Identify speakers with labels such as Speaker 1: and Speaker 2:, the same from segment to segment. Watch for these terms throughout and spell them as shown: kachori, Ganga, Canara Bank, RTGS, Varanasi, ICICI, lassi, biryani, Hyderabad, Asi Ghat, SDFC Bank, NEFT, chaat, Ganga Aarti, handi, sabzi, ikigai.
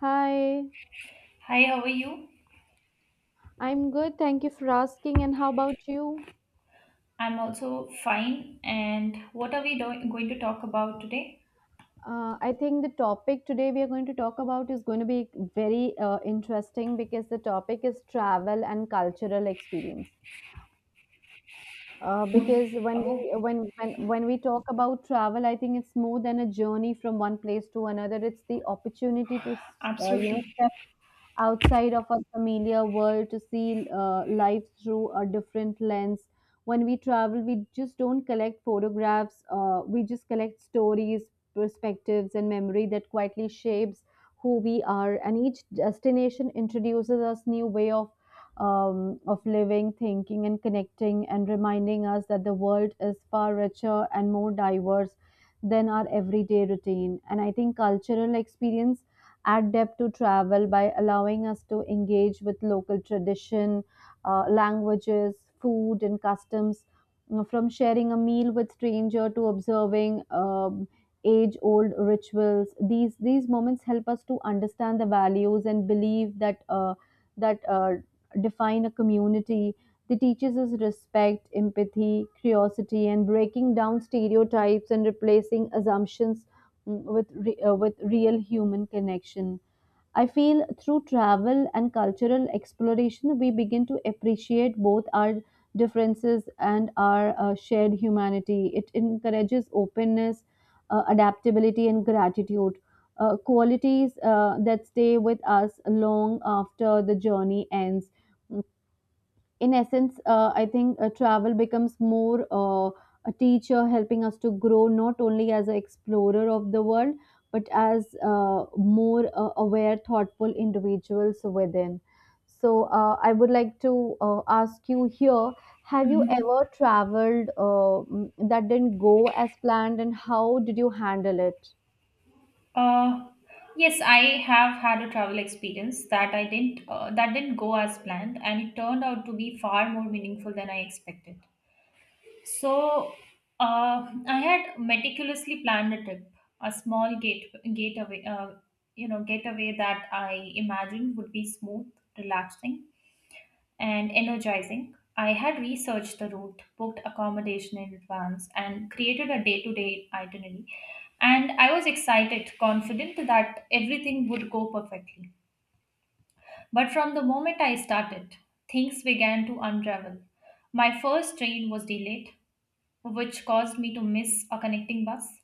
Speaker 1: Hi,
Speaker 2: Hi, how are you?
Speaker 1: I'm good. Thank you for asking. And how about you?
Speaker 2: I'm also fine. And what are going to talk about today?
Speaker 1: I think the topic today we are going to talk about is going to be very interesting because the topic is travel and cultural experience. Because when we
Speaker 2: Oh,
Speaker 1: when when when we talk about travel, I think it's more than a journey from one place to another. It's the opportunity to
Speaker 2: absolutely.
Speaker 1: step outside of a familiar world to see life through a different lens. When we travel, we just don't collect photographs, we just collect stories, perspectives, and memory that quietly shapes who we are. And each destination introduces us new way of living, thinking, and connecting, and reminding us that the world is far richer and more diverse than our everyday routine. And I think cultural experience adapt to travel by allowing us to engage with local tradition, languages, food, and customs. You know, from sharing a meal with stranger to observing age-old rituals, these moments help us to understand the values and believe that define a community. They teaches us respect, empathy, curiosity, and breaking down stereotypes and replacing assumptions, with real human connection. I feel through travel and cultural exploration, we begin to appreciate both our differences and our shared humanity. It encourages openness, adaptability, and gratitude. Qualities that stay with us long after the journey ends in essence. I think travel becomes more a teacher helping us to grow not only as an explorer of the world but as more aware, thoughtful individuals within. So, I would like to ask you here, have you
Speaker 2: Mhm.
Speaker 1: ever traveled that didn't go as planned, and how did you handle it?
Speaker 2: Uh, yes, I have had a travel experience that I didn't that didn't go as planned, and it turned out to be far more meaningful than I expected. So I had meticulously planned a trip, a small gateway, getaway that I imagined would be smooth, relaxing, and energizing. I had researched the route, booked accommodation in advance, and created a day to day itinerary. And I was excited, confident that everything would go perfectly. But from the moment I started, things began to unravel. My first train was delayed, which caused me to miss a connecting bus.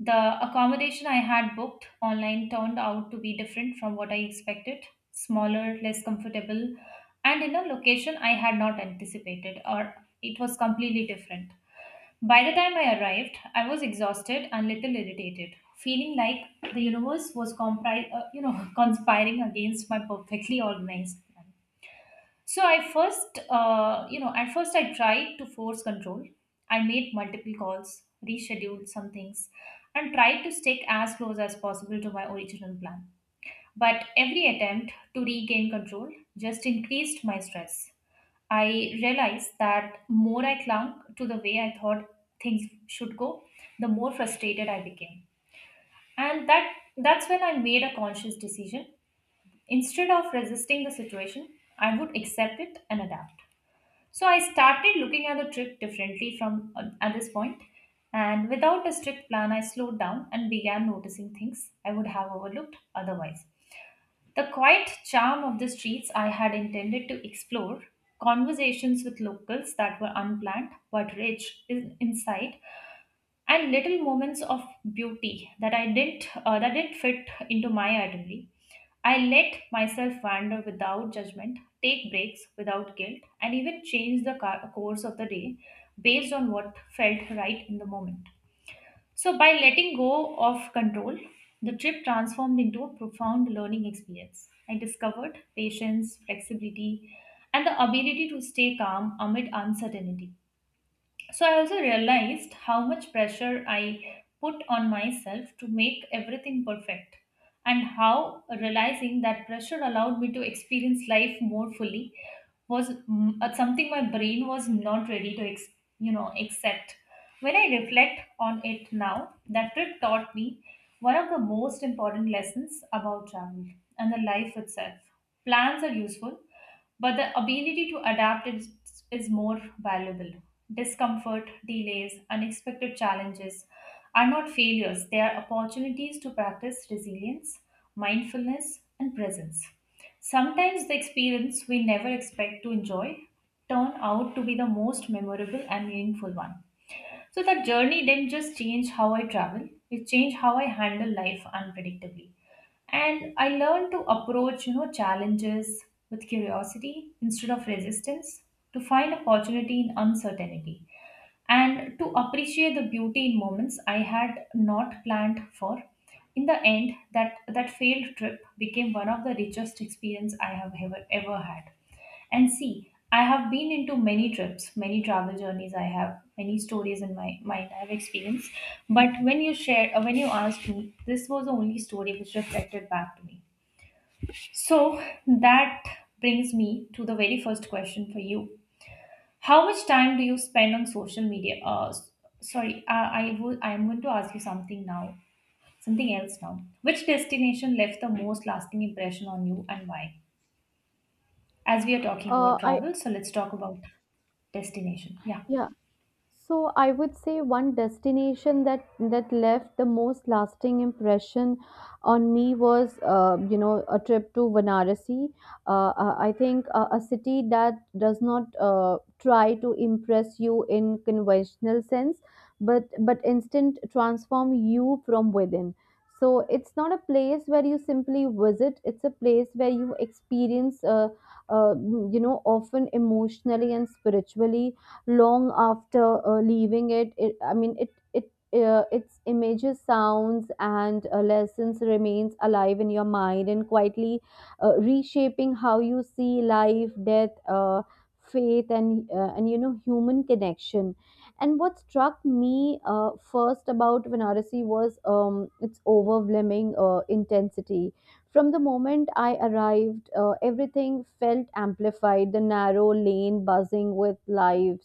Speaker 2: The accommodation I had booked online turned out to be different from what I expected, smaller, less comfortable, and in a location I had not anticipated, or it was completely different. By the time I arrived, I was exhausted and little irritated, feeling like the universe was conspiring against my perfectly organized plan. So I first, you know, at first I tried to force control. I made multiple calls, rescheduled some things, and tried to stick as close as possible to my original plan. But every attempt to regain control just increased my stress. I realized that more I clung to the way I thought things should go, the more frustrated I became. And that's when I made a conscious decision. Instead of resisting the situation, I would accept it and adapt. So I started looking at the trip differently from at this point, and without a strict plan, I slowed down and began noticing things I would have overlooked otherwise. The quiet charm of the streets I had intended to explore, conversations with locals that were unplanned but rich in insight, and little moments of beauty that I didn't that didn't fit into my itinerary. I let myself wander without judgment, take breaks without guilt, and even change the course of the day based on what felt right in the moment. So, by letting go of control, the trip transformed into a profound learning experience. I discovered patience, flexibility, and the ability to stay calm amid uncertainty. So I also realized how much pressure I put on myself to make everything perfect, and how realizing that pressure allowed me to experience life more fully was something my brain was not ready to accept. When I reflect on it now, that trip taught me one of the most important lessons about travel and the life itself. Plans are useful, but the ability to adapt is, more valuable. Discomfort, delays, unexpected challenges are not failures, they are opportunities to practice resilience, mindfulness, and presence. Sometimes the experience we never expect to enjoy turn out to be the most memorable and meaningful one. So that journey didn't just change how I travel, it changed how I handle life unpredictably. And I learned to approach, you know, challenges with curiosity instead of resistance, to find opportunity in uncertainty, and to appreciate the beauty in moments I had not planned for. In the end, that failed trip became one of the richest experience I have ever had. And see, I have been into many trips, many travel journeys. I have many stories in my mind. I have experienced, but when you asked me, this was the only story which reflected back to me. So that brings me to the very first question for you. How much time do you spend on social media? I would. I am going to ask you something now. Something else now. Which destination left the most lasting impression on you, and why? As we are talking about
Speaker 1: I
Speaker 2: travel, so let's talk about destination. Yeah.
Speaker 1: yeah. So I would say one destination that left the most lasting impression on me was, a trip to Varanasi. I think a city that does not try to impress you in conventional sense, but instant transform you from within. So it's not a place where you simply visit. It's a place where you experience, uh, often emotionally and spiritually long after leaving it. Its images sounds and lessons remains alive in your mind and quietly reshaping how you see life death, faith, and human connection. And what struck me first about Vanarasi was its overwhelming intensity. From the moment I arrived, everything felt amplified, the narrow lane buzzing with life,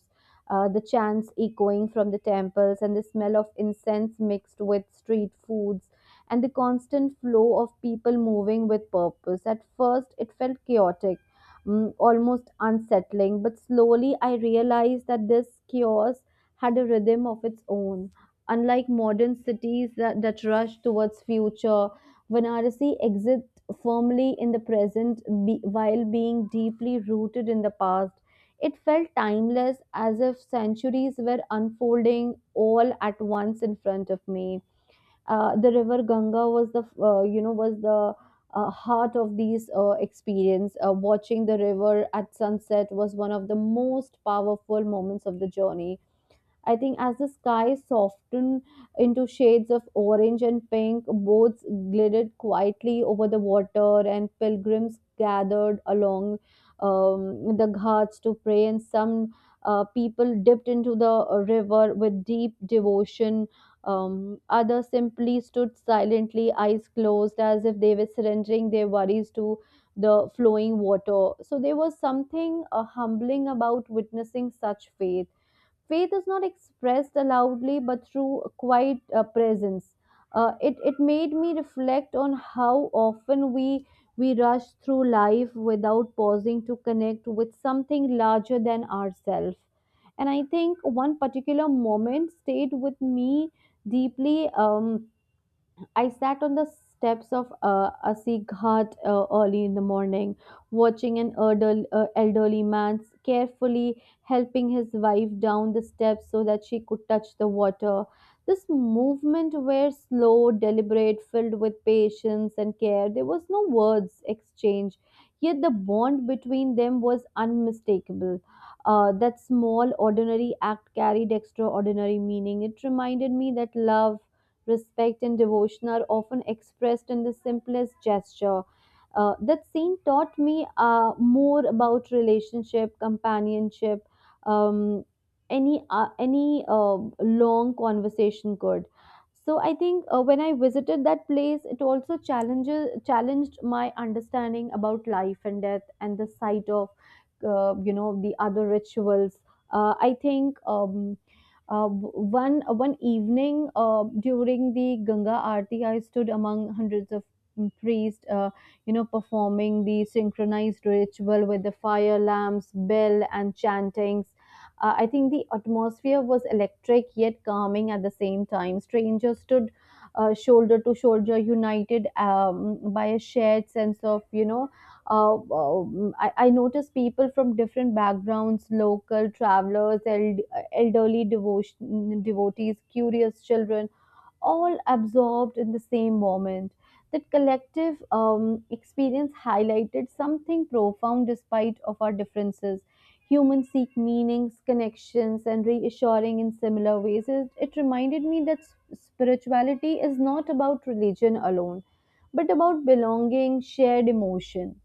Speaker 1: the chants echoing from the temples, and the smell of incense mixed with street foods, and the constant flow of people moving with purpose. At first, it felt chaotic, mm, almost unsettling, but slowly I realized that this chaos had a rhythm of its own. Unlike modern cities that rush towards future, Varanasi exists firmly in the present, while being deeply rooted in the past. It felt timeless, as if centuries were unfolding all at once in front of me. The river Ganga was the heart of these experience. Watching the river at sunset was one of the most powerful moments of the journey. I think as the sky softened into shades of orange and pink, boats glided quietly over the water, and pilgrims gathered along the ghats to pray. And some people dipped into the river with deep devotion. Others simply stood silently, eyes closed, as if they were surrendering their worries to the flowing water. So there was something humbling about witnessing such faith. Faith is not expressed loudly but through quiet presence. It made me reflect on how often we rush through life without pausing to connect with something larger than ourselves. And I think one particular moment stayed with me deeply. um, I sat on the steps of Asi Ghat early in the morning, watching an elderly man carefully helping his wife down the steps so that she could touch the water. This movement were slow, deliberate, filled with patience and care. There was no words exchanged, yet the bond between them was unmistakable. That small, ordinary act carried extraordinary meaning. It reminded me that love, respect, and devotion are often expressed in the simplest gesture. That scene taught me more about relationship, companionship, um, any long conversation could. So I think when I visited that place, it also challenges challenged my understanding about life and death and the sight of the other rituals. I think. Uh, one One evening during the Ganga Aarti, I stood among hundreds of priests, performing the synchronized ritual with the fire lamps, bell, and chantings. I think the atmosphere was electric yet calming at the same time. Strangers stood shoulder to shoulder, united by a shared sense of, I noticed people from different backgrounds, local travelers, elderly devotion, devotees, curious children, all absorbed in the same moment. That collective experience highlighted something profound despite of our differences. Humans seek meanings, connections, and reassuring in similar ways. It reminded me that spirituality is not about religion alone, but about belonging, shared emotion.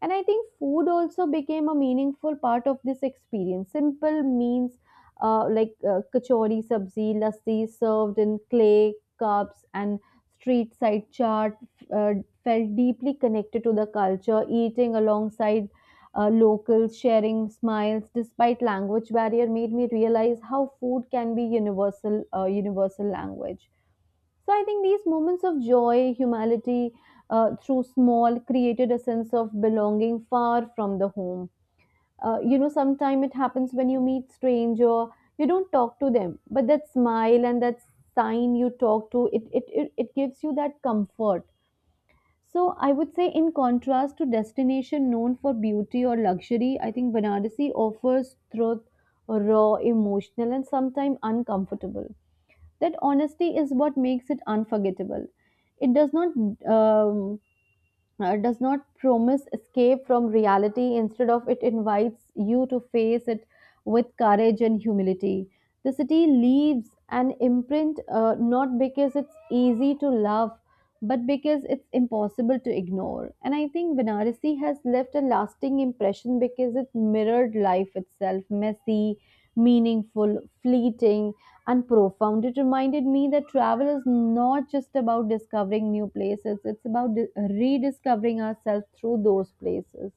Speaker 1: And I think food also became a meaningful part of this experience. Simple means like kachori, sabzi, lassi served in clay cups and street side chaat uh, felt deeply connected to the culture, eating alongside locals, sharing smiles despite language barrier made me realize how food can be universal, universal language. So I think these moments of joy, humanity through small created a sense of belonging far from the home. You know, sometimes it happens when you meet stranger, you don't talk to them, but that smile and that sign you talk to, it gives you that comfort. So I would say in contrast to destination known for beauty or luxury, I think Banarasi offers truth, raw, emotional and sometimes uncomfortable. That honesty is what makes it unforgettable. It um, does not promise escape from reality. Instead of it, invites you to face it with courage and humility. The city leaves an imprint not because it's easy to love, but because it's impossible to ignore. And I think Vanarasi has left a lasting impression because it mirrored life itself messy, meaningful, fleeting, and profound. It reminded me that travel is not just about discovering new places, it's about rediscovering ourselves through those places.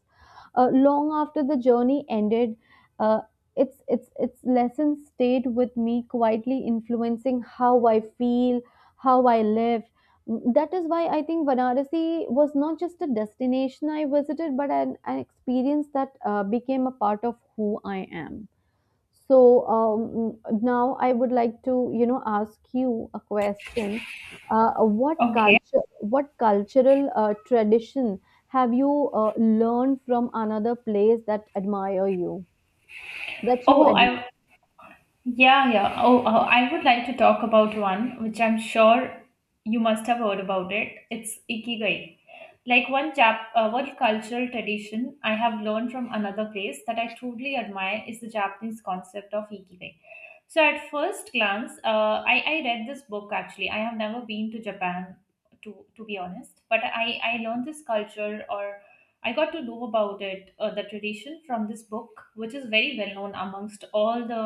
Speaker 1: Long after the journey ended, uh, its lessons stayed with me, quietly influencing how I feel, how I live. That is why I think Varanasi was not just a destination I visited, but an experience that became a part of who I am. So now I would like to, you know, ask you a question.
Speaker 2: Okay.
Speaker 1: What cultural tradition have you learned from another place that you
Speaker 2: Oh,
Speaker 1: admire?
Speaker 2: I Yeah, yeah. Oh, I would like to talk about one which I'm sure you must have heard about it. It's ikigai. Like one cultural tradition I have learned from another place that I truly admire is the Japanese concept of ikigai. So at first glance, I read this book actually. I have never been to Japan to be honest, but I learned this culture or I got to know about it, the tradition from this book, which is very well known amongst all the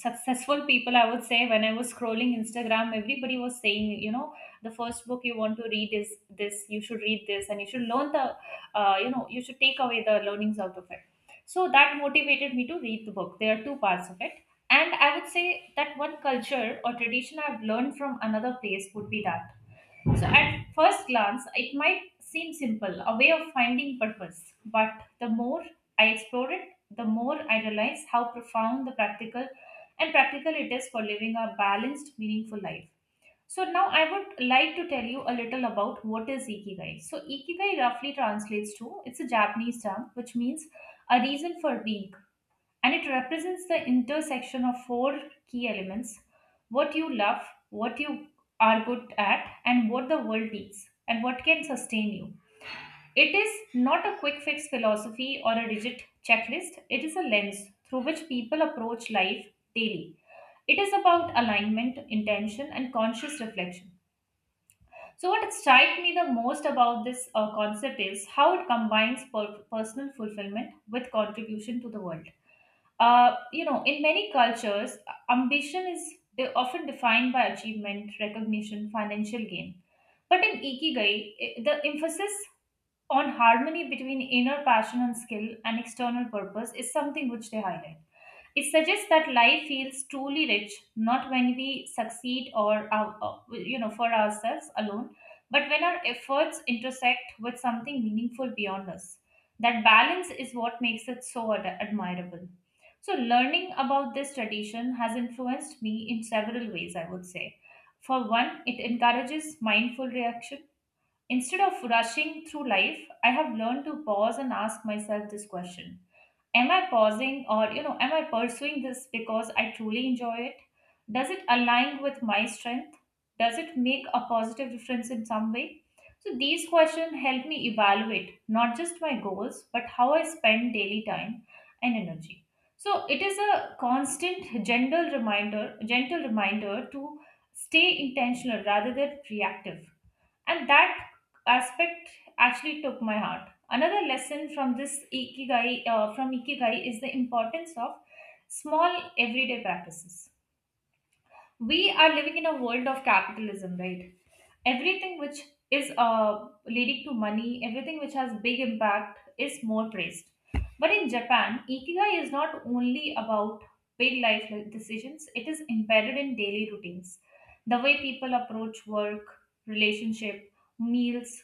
Speaker 2: successful people, I would say. When I was scrolling Instagram, everybody was saying, you know, the first book you want to read is this, you should read this, and you should learn the you should take away the learnings out of it. So that motivated me to read the book. There are two parts of it, and I would say that one culture or tradition I've learned from another place would be that. So, at first glance, it might seem simple, a way of finding purpose. But the more I explore it, the more I realize how profound the practical it is for living a balanced, meaningful life. So, now I would like to tell you a little about what is ikigai. So, ikigai roughly translates to, it's a Japanese term which means a reason for being, and it represents the intersection of four key elements: what you love, what you are good at, and what the world needs, and what can sustain you. It is not a quick fix philosophy or a rigid checklist, it is a lens through which people approach life daily. It is about alignment, intention, and conscious reflection. So, what struck me the most about this concept is how it combines personal fulfillment with contribution to the world. You know, in many cultures, ambition is often defined by achievement, recognition, financial gain. But in Ikigai, the emphasis on harmony between inner passion and skill and external purpose is something which they highlight. It suggests that life feels truly rich not when we succeed or our, for ourselves alone, but when our efforts intersect with something meaningful beyond us. That balance is what makes it so admirable. So learning about this tradition has influenced me in several ways, I would say. For one, it encourages mindful reaction. Instead of rushing through life, I have learned to pause and ask myself this question: am I pausing or, you know, am I pursuing this because I truly enjoy it? Does it align with my strength? Does it make a positive difference in some way? So these questions help me evaluate not just my goals but how I spend daily time and energy. So it is a constant gentle reminder to stay intentional rather than reactive, and that aspect actually took my heart. Another lesson from this ikigai from ikigai is the importance of small everyday practices. We are living in a world of capitalism, right? Everything which is leading to money, everything which has big impact is more praised. But in Japan, ikigai is not only about big life decisions, it is embedded in daily routines. The way people approach work, relationship, meals,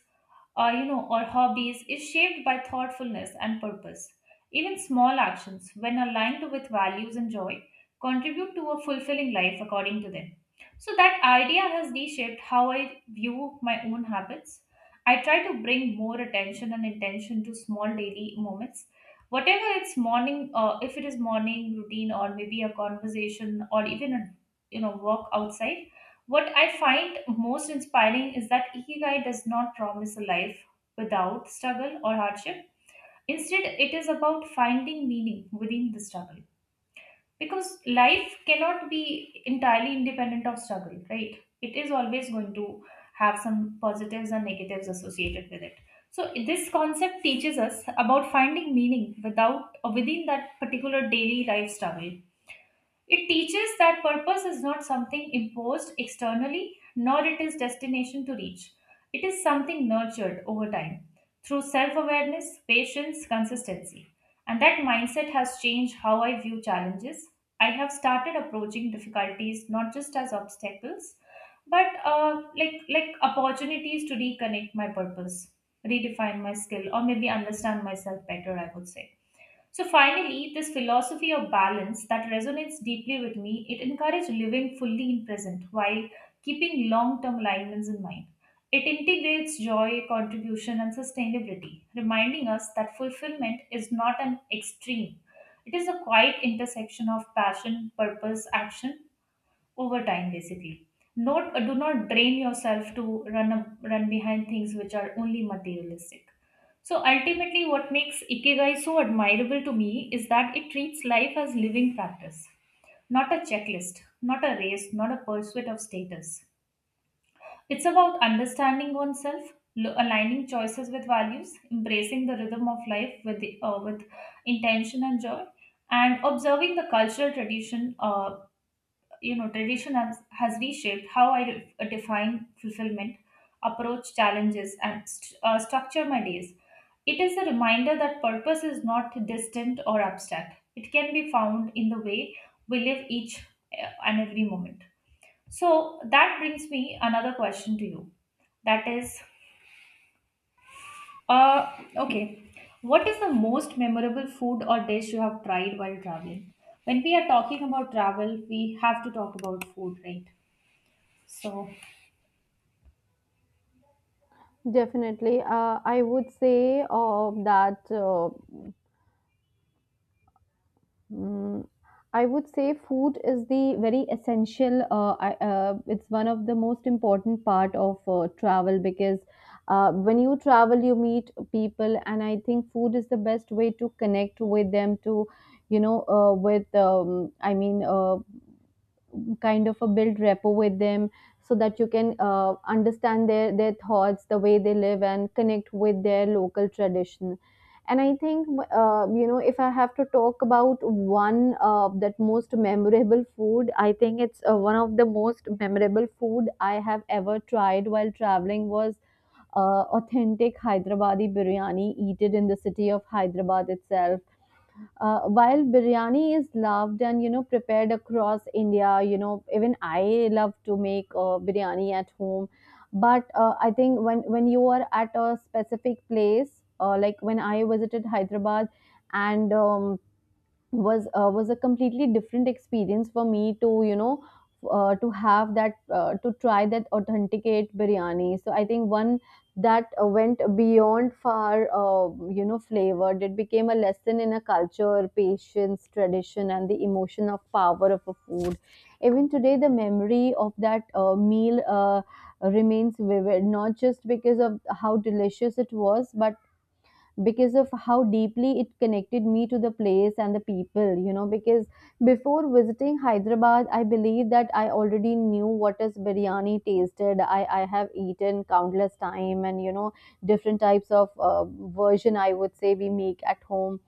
Speaker 2: or, you know, or hobbies is shaped by thoughtfulness and purpose. Even small actions, when aligned with values and joy, contribute to a fulfilling life according to them. So that idea has reshaped how I view my own habits. I try to bring more attention and intention to small daily moments. If it is morning routine or maybe a conversation or even a, you know, walk outside. What I find most inspiring is that Ikigai does not promise a life without struggle or hardship. Instead, it is about finding meaning within the struggle. Because life cannot be entirely independent of struggle, right? It is always going to have some positives and negatives associated with it. So this concept teaches us about finding meaning without or within that particular daily life struggle. It teaches that purpose is not something imposed externally, nor it is destination to reach. It is something nurtured over time through self awareness, patience, consistency. And that mindset has changed how I view challenges. I have started approaching difficulties not just as obstacles, but like opportunities to reconnect my purpose, redefine my skill, or maybe understand myself better, I would say. So finally, this philosophy of balance that resonates deeply with me, it encourages living fully in present while keeping long-term alignments in mind. It integrates joy, contribution, and sustainability, reminding us that fulfillment is not an extreme. It is a quiet intersection of passion, purpose, action, over time basically. Not Do not drain yourself to run behind things which are only materialistic. So ultimately, what makes ikigai so admirable to me is that it treats life as living practice, not a checklist, not a race, not a pursuit of status. It's about understanding oneself, aligning choices with values, embracing the rhythm of life with with intention and joy, and observing the cultural tradition. You know, tradition has reshaped how I define fulfillment, approach challenges, and structure my days. It is a reminder that purpose is not distant or abstract. It can be found in the way we live each and every moment. So that brings me another question to you, that is, okay, what is the most memorable food or dish you have tried while traveling? When we are talking about travel, we have to talk about food, right? So
Speaker 1: Definitely, I would say Mm, I would say food is the very essential. It's one of the most important part of travel because when you travel, you meet people, and I think food is the best way to connect with them. To with kind of a build rapport with them so that you can understand their thoughts, the way they live, and connect with their local tradition. And I think if I have to talk about one, that most memorable food I think it's one of the most memorable food I have ever tried while traveling was authentic hyderabadi biryani eaten in the city of hyderabad itself. While biryani is loved and you know prepared across india, you know even I love to make biryani at home, but I think when you are at a specific place, like when I visited hyderabad and was a completely different experience for me to, you know, to try that authenticate biryani. So I think one that went beyond far, flavored, it became a lesson in a culture patience tradition and the emotion of power of a food. Even today the memory of that meal remains vivid not just because of how delicious it was but because of how deeply it connected me to the place and the people, you know. Because before visiting Hyderabad, I believe that I already knew what is biryani tasted. I have eaten countless time and, you know, different types of version I would say we make at home.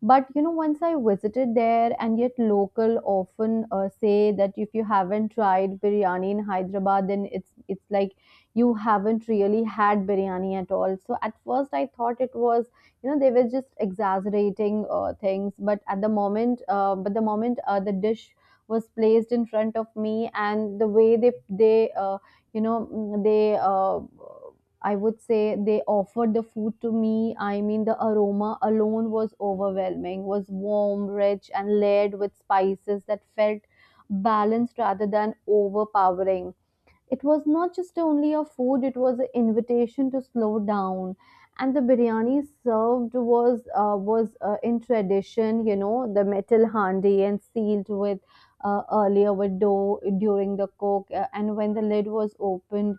Speaker 1: But you know, once I visited there, and yet local often say that if you haven't tried biryani in Hyderabad, then it's like you haven't really had biryani at all. So at first I thought it was you know they were just exaggerating things, but but the moment the dish was placed in front of me and the way they you know mm, they I would say they offered the food to me. I mean, the aroma alone was overwhelming, was warm, rich, and layered with spices that felt balanced rather than overpowering. It was not just only a food, it was an invitation to slow down. And the biryani served was in tradition, you know, the metal handi and sealed with earlier with dough during the cook. And when the lid was opened,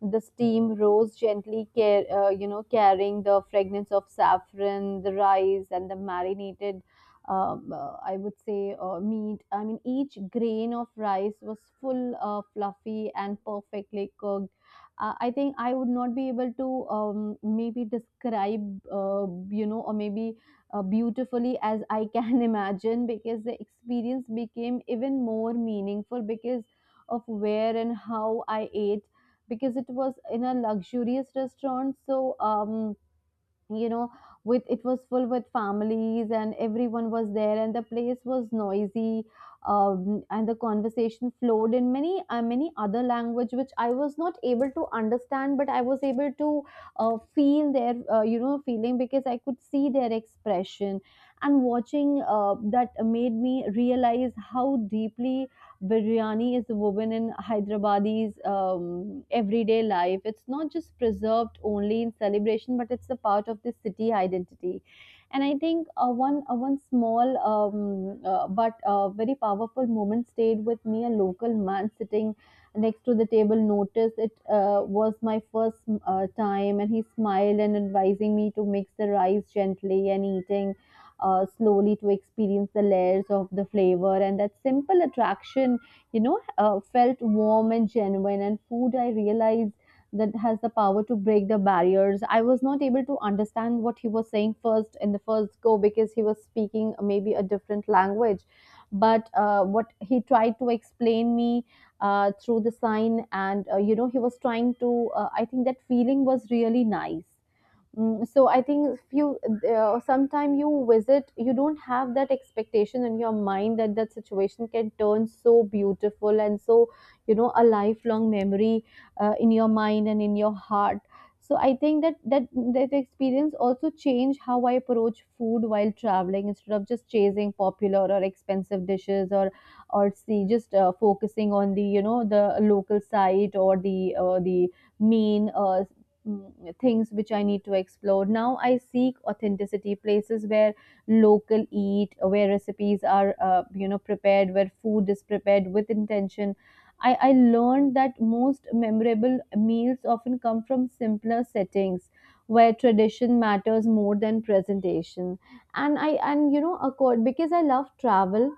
Speaker 1: the steam rose gently, you know, carrying the fragrance of saffron, the rice, and the marinated. I would say meat. I mean, each grain of rice was full, fluffy, and perfectly cooked. I think I would not be able to maybe describe, you know, or maybe beautifully as I can imagine, because the experience became even more meaningful because of where and how I ate, because it was in a luxurious restaurant. So you know with it was full with families and everyone was there and the place was noisy. And the conversation flowed in many other language which I was not able to understand, but I was able to feel their you know feeling, because I could see their expression. And watching that made me realize how deeply biryani is woven in Hyderabadi's everyday life. It's not just preserved only in celebration, but it's a part of the city identity. And I think one small but very powerful moment stayed with me. A local man sitting next to the table noticed it was my first time, and he smiled and advising me to mix the rice gently and eating slowly to experience the layers of the flavor. And that simple attraction you know felt warm and genuine, and food I realized that has the power to break the barriers. I was not able to understand what he was saying first in the first go because he was speaking maybe a different language, but what he tried to explain me through the sign and you know he was trying to I think that feeling was really nice. So I think few sometime you visit, you don't have that expectation in your mind that that situation can turn so beautiful, and so you know a lifelong memory in your mind and in your heart. So I think that experience also changed how I approach food while traveling. Instead of just chasing popular or expensive dishes, or see just focusing on the you know the local site or the main things which I need to explore. Now I seek authenticity, places where local eat, where recipes are, you know, prepared, where food is prepared with intention. I learned that most memorable meals often come from simpler settings where tradition matters more than presentation. And I and you know accord, because I love travel.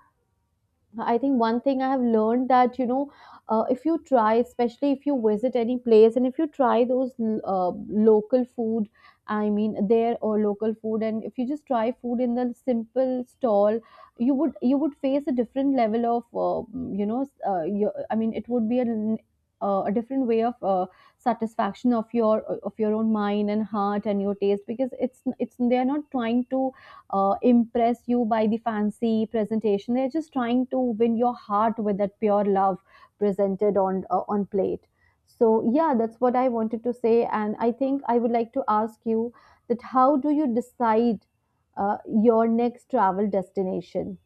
Speaker 1: I think one thing I have learned that you know, if you try, especially if you visit any place, and if you try those local food, I mean there or local food, and if you just try food in the simple stall, you would face a different level of your, I mean it would be a different way of satisfaction of your own mind and heart and your taste, because it's they are not trying to impress you by the fancy presentation. They're just trying to win your heart with that pure love presented on plate. So yeah, that's what I wanted to say, and I think I would like to ask you that how do you decide your next travel destination?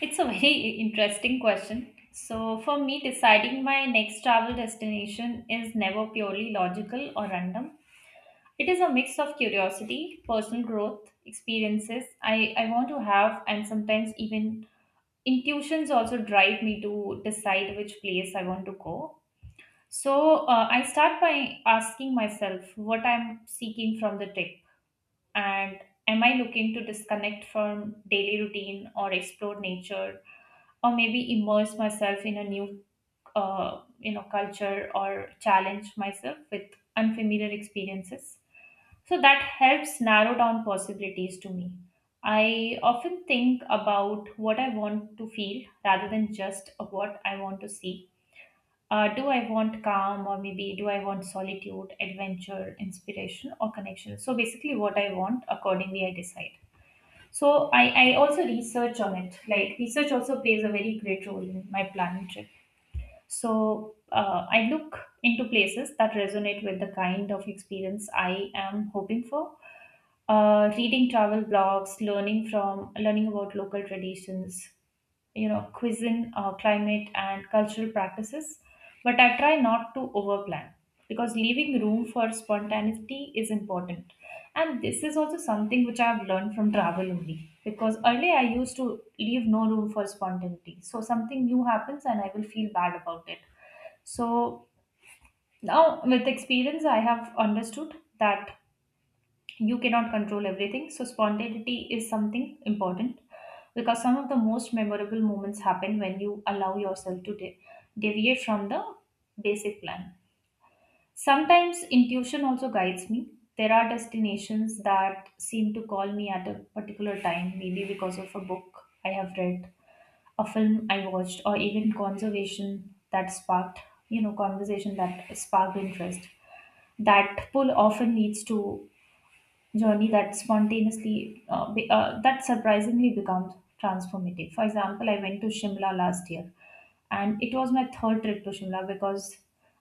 Speaker 2: it's a very interesting question. So, for me, deciding my next travel destination is never purely logical or random. It is a mix of curiosity, personal growth, experiences I want to have, and sometimes even intuitions also drive me to decide which place I want to go. So, I start by asking myself what I'm seeking from the trip, and am I looking to disconnect from daily routine or explore nature, or maybe immerse myself in a new, you know, culture, or challenge myself with unfamiliar experiences? So that helps narrow down possibilities to me. I often think about what I want to feel rather than just what I want to see. Do I want calm, or maybe do I want solitude, adventure, inspiration, or connection? So basically, what I want, accordingly I decide. So I also research on it. Like, research also plays a very great role in my planning trip. So I look into places that resonate with the kind of experience I am hoping for. Reading travel blogs, learning about local traditions, you know, cuisine, climate, and cultural practices. But I try not to overplan, because leaving room for spontaneity is important. And this is also something which I've learned from travel only, because earlier I used to leave no room for spontaneity, so something new happens and I will feel bad about it. So now, with experience, I have understood that you cannot control everything, so spontaneity is something important, because some of the most memorable moments happen when you allow yourself to deviate from the basic plan. Sometimes intuition also guides me. There are destinations that seem to call me at a particular time, maybe because of a book I have read, a film I watched, or even conservation that sparked you know conversation that sparked interest. That pull often leads to journey that surprisingly becomes transformative. For example, I went to Shimla last year, and it was my third trip to Shimla, because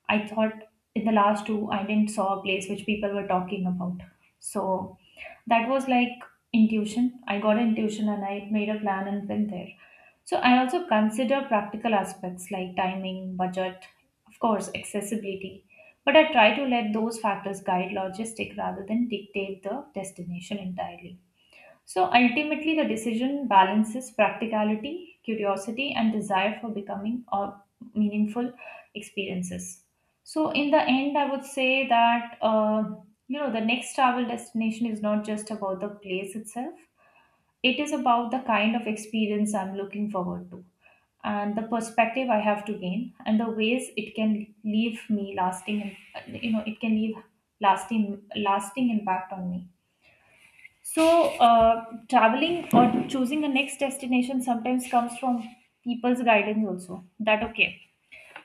Speaker 2: I thought in the last two I didn't saw a place which people were talking about. So that was like intuition. I got an intuition and I made a plan and went there. So I also consider practical aspects like timing, budget, of course, accessibility. But I try to let those factors guide logistic rather than dictate the destination entirely. So ultimately, the decision balances practicality, curiosity, and desire for becoming or meaningful experiences. So in the end, I would say that, you know, the next travel destination is not just about the place itself. It is about the kind of experience I'm looking forward to, and the perspective I have to gain, and the ways it can leave me lasting, you know, it can leave lasting impact on me. So, traveling or choosing a next destination sometimes comes from people's guidance also. That, okay,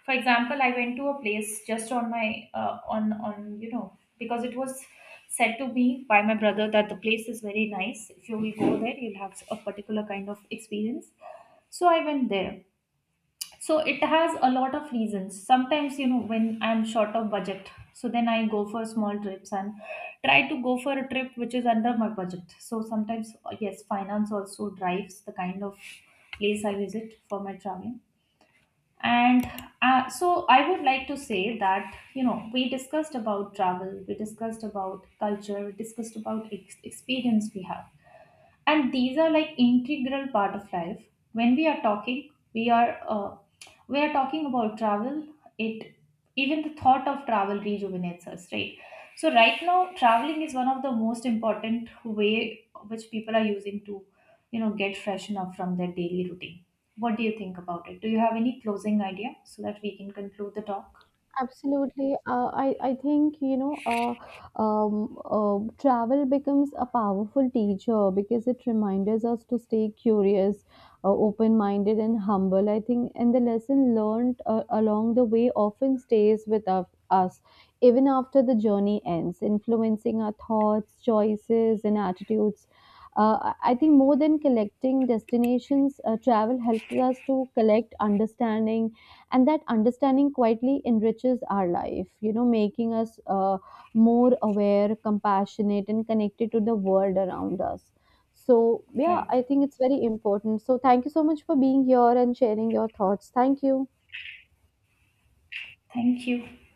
Speaker 2: for example, I went to a place just on my on you know, because it was said to me by my brother that the place is very nice. If you will go there, you'll have a particular kind of experience. So I went there. So it has a lot of reasons. Sometimes, you know, when I'm short of budget, so then I go for small trips and try to go for a trip which is under my budget. So sometimes, yes, finance also drives the kind of place I visit for my traveling. And so I would like to say that, you know, we discussed about travel, we discussed about culture, we discussed about experience we have, and these are like integral part of life. When we are talking, we are talking about travel, it, even the thought of travel rejuvenates us, right? So right now, traveling is one of the most important way which people are using to, you know, get freshen up from their daily routine. What do you think about it? Do you have any closing idea so that we can conclude the talk?
Speaker 1: Absolutely. I think, travel becomes a powerful teacher because it reminds us to stay curious, open minded, and humble. I think, and the lesson learned along the way often stays with us, even after the journey ends, influencing our thoughts, choices, and attitudes. I think more than collecting destinations, travel helps us to collect understanding, and that understanding quietly enriches our life you know making us more aware compassionate and connected to the world around us. So yeah, I
Speaker 2: Right,
Speaker 1: think it's very important. So thank you so much for being here and sharing your thoughts. Thank you.
Speaker 2: thank you.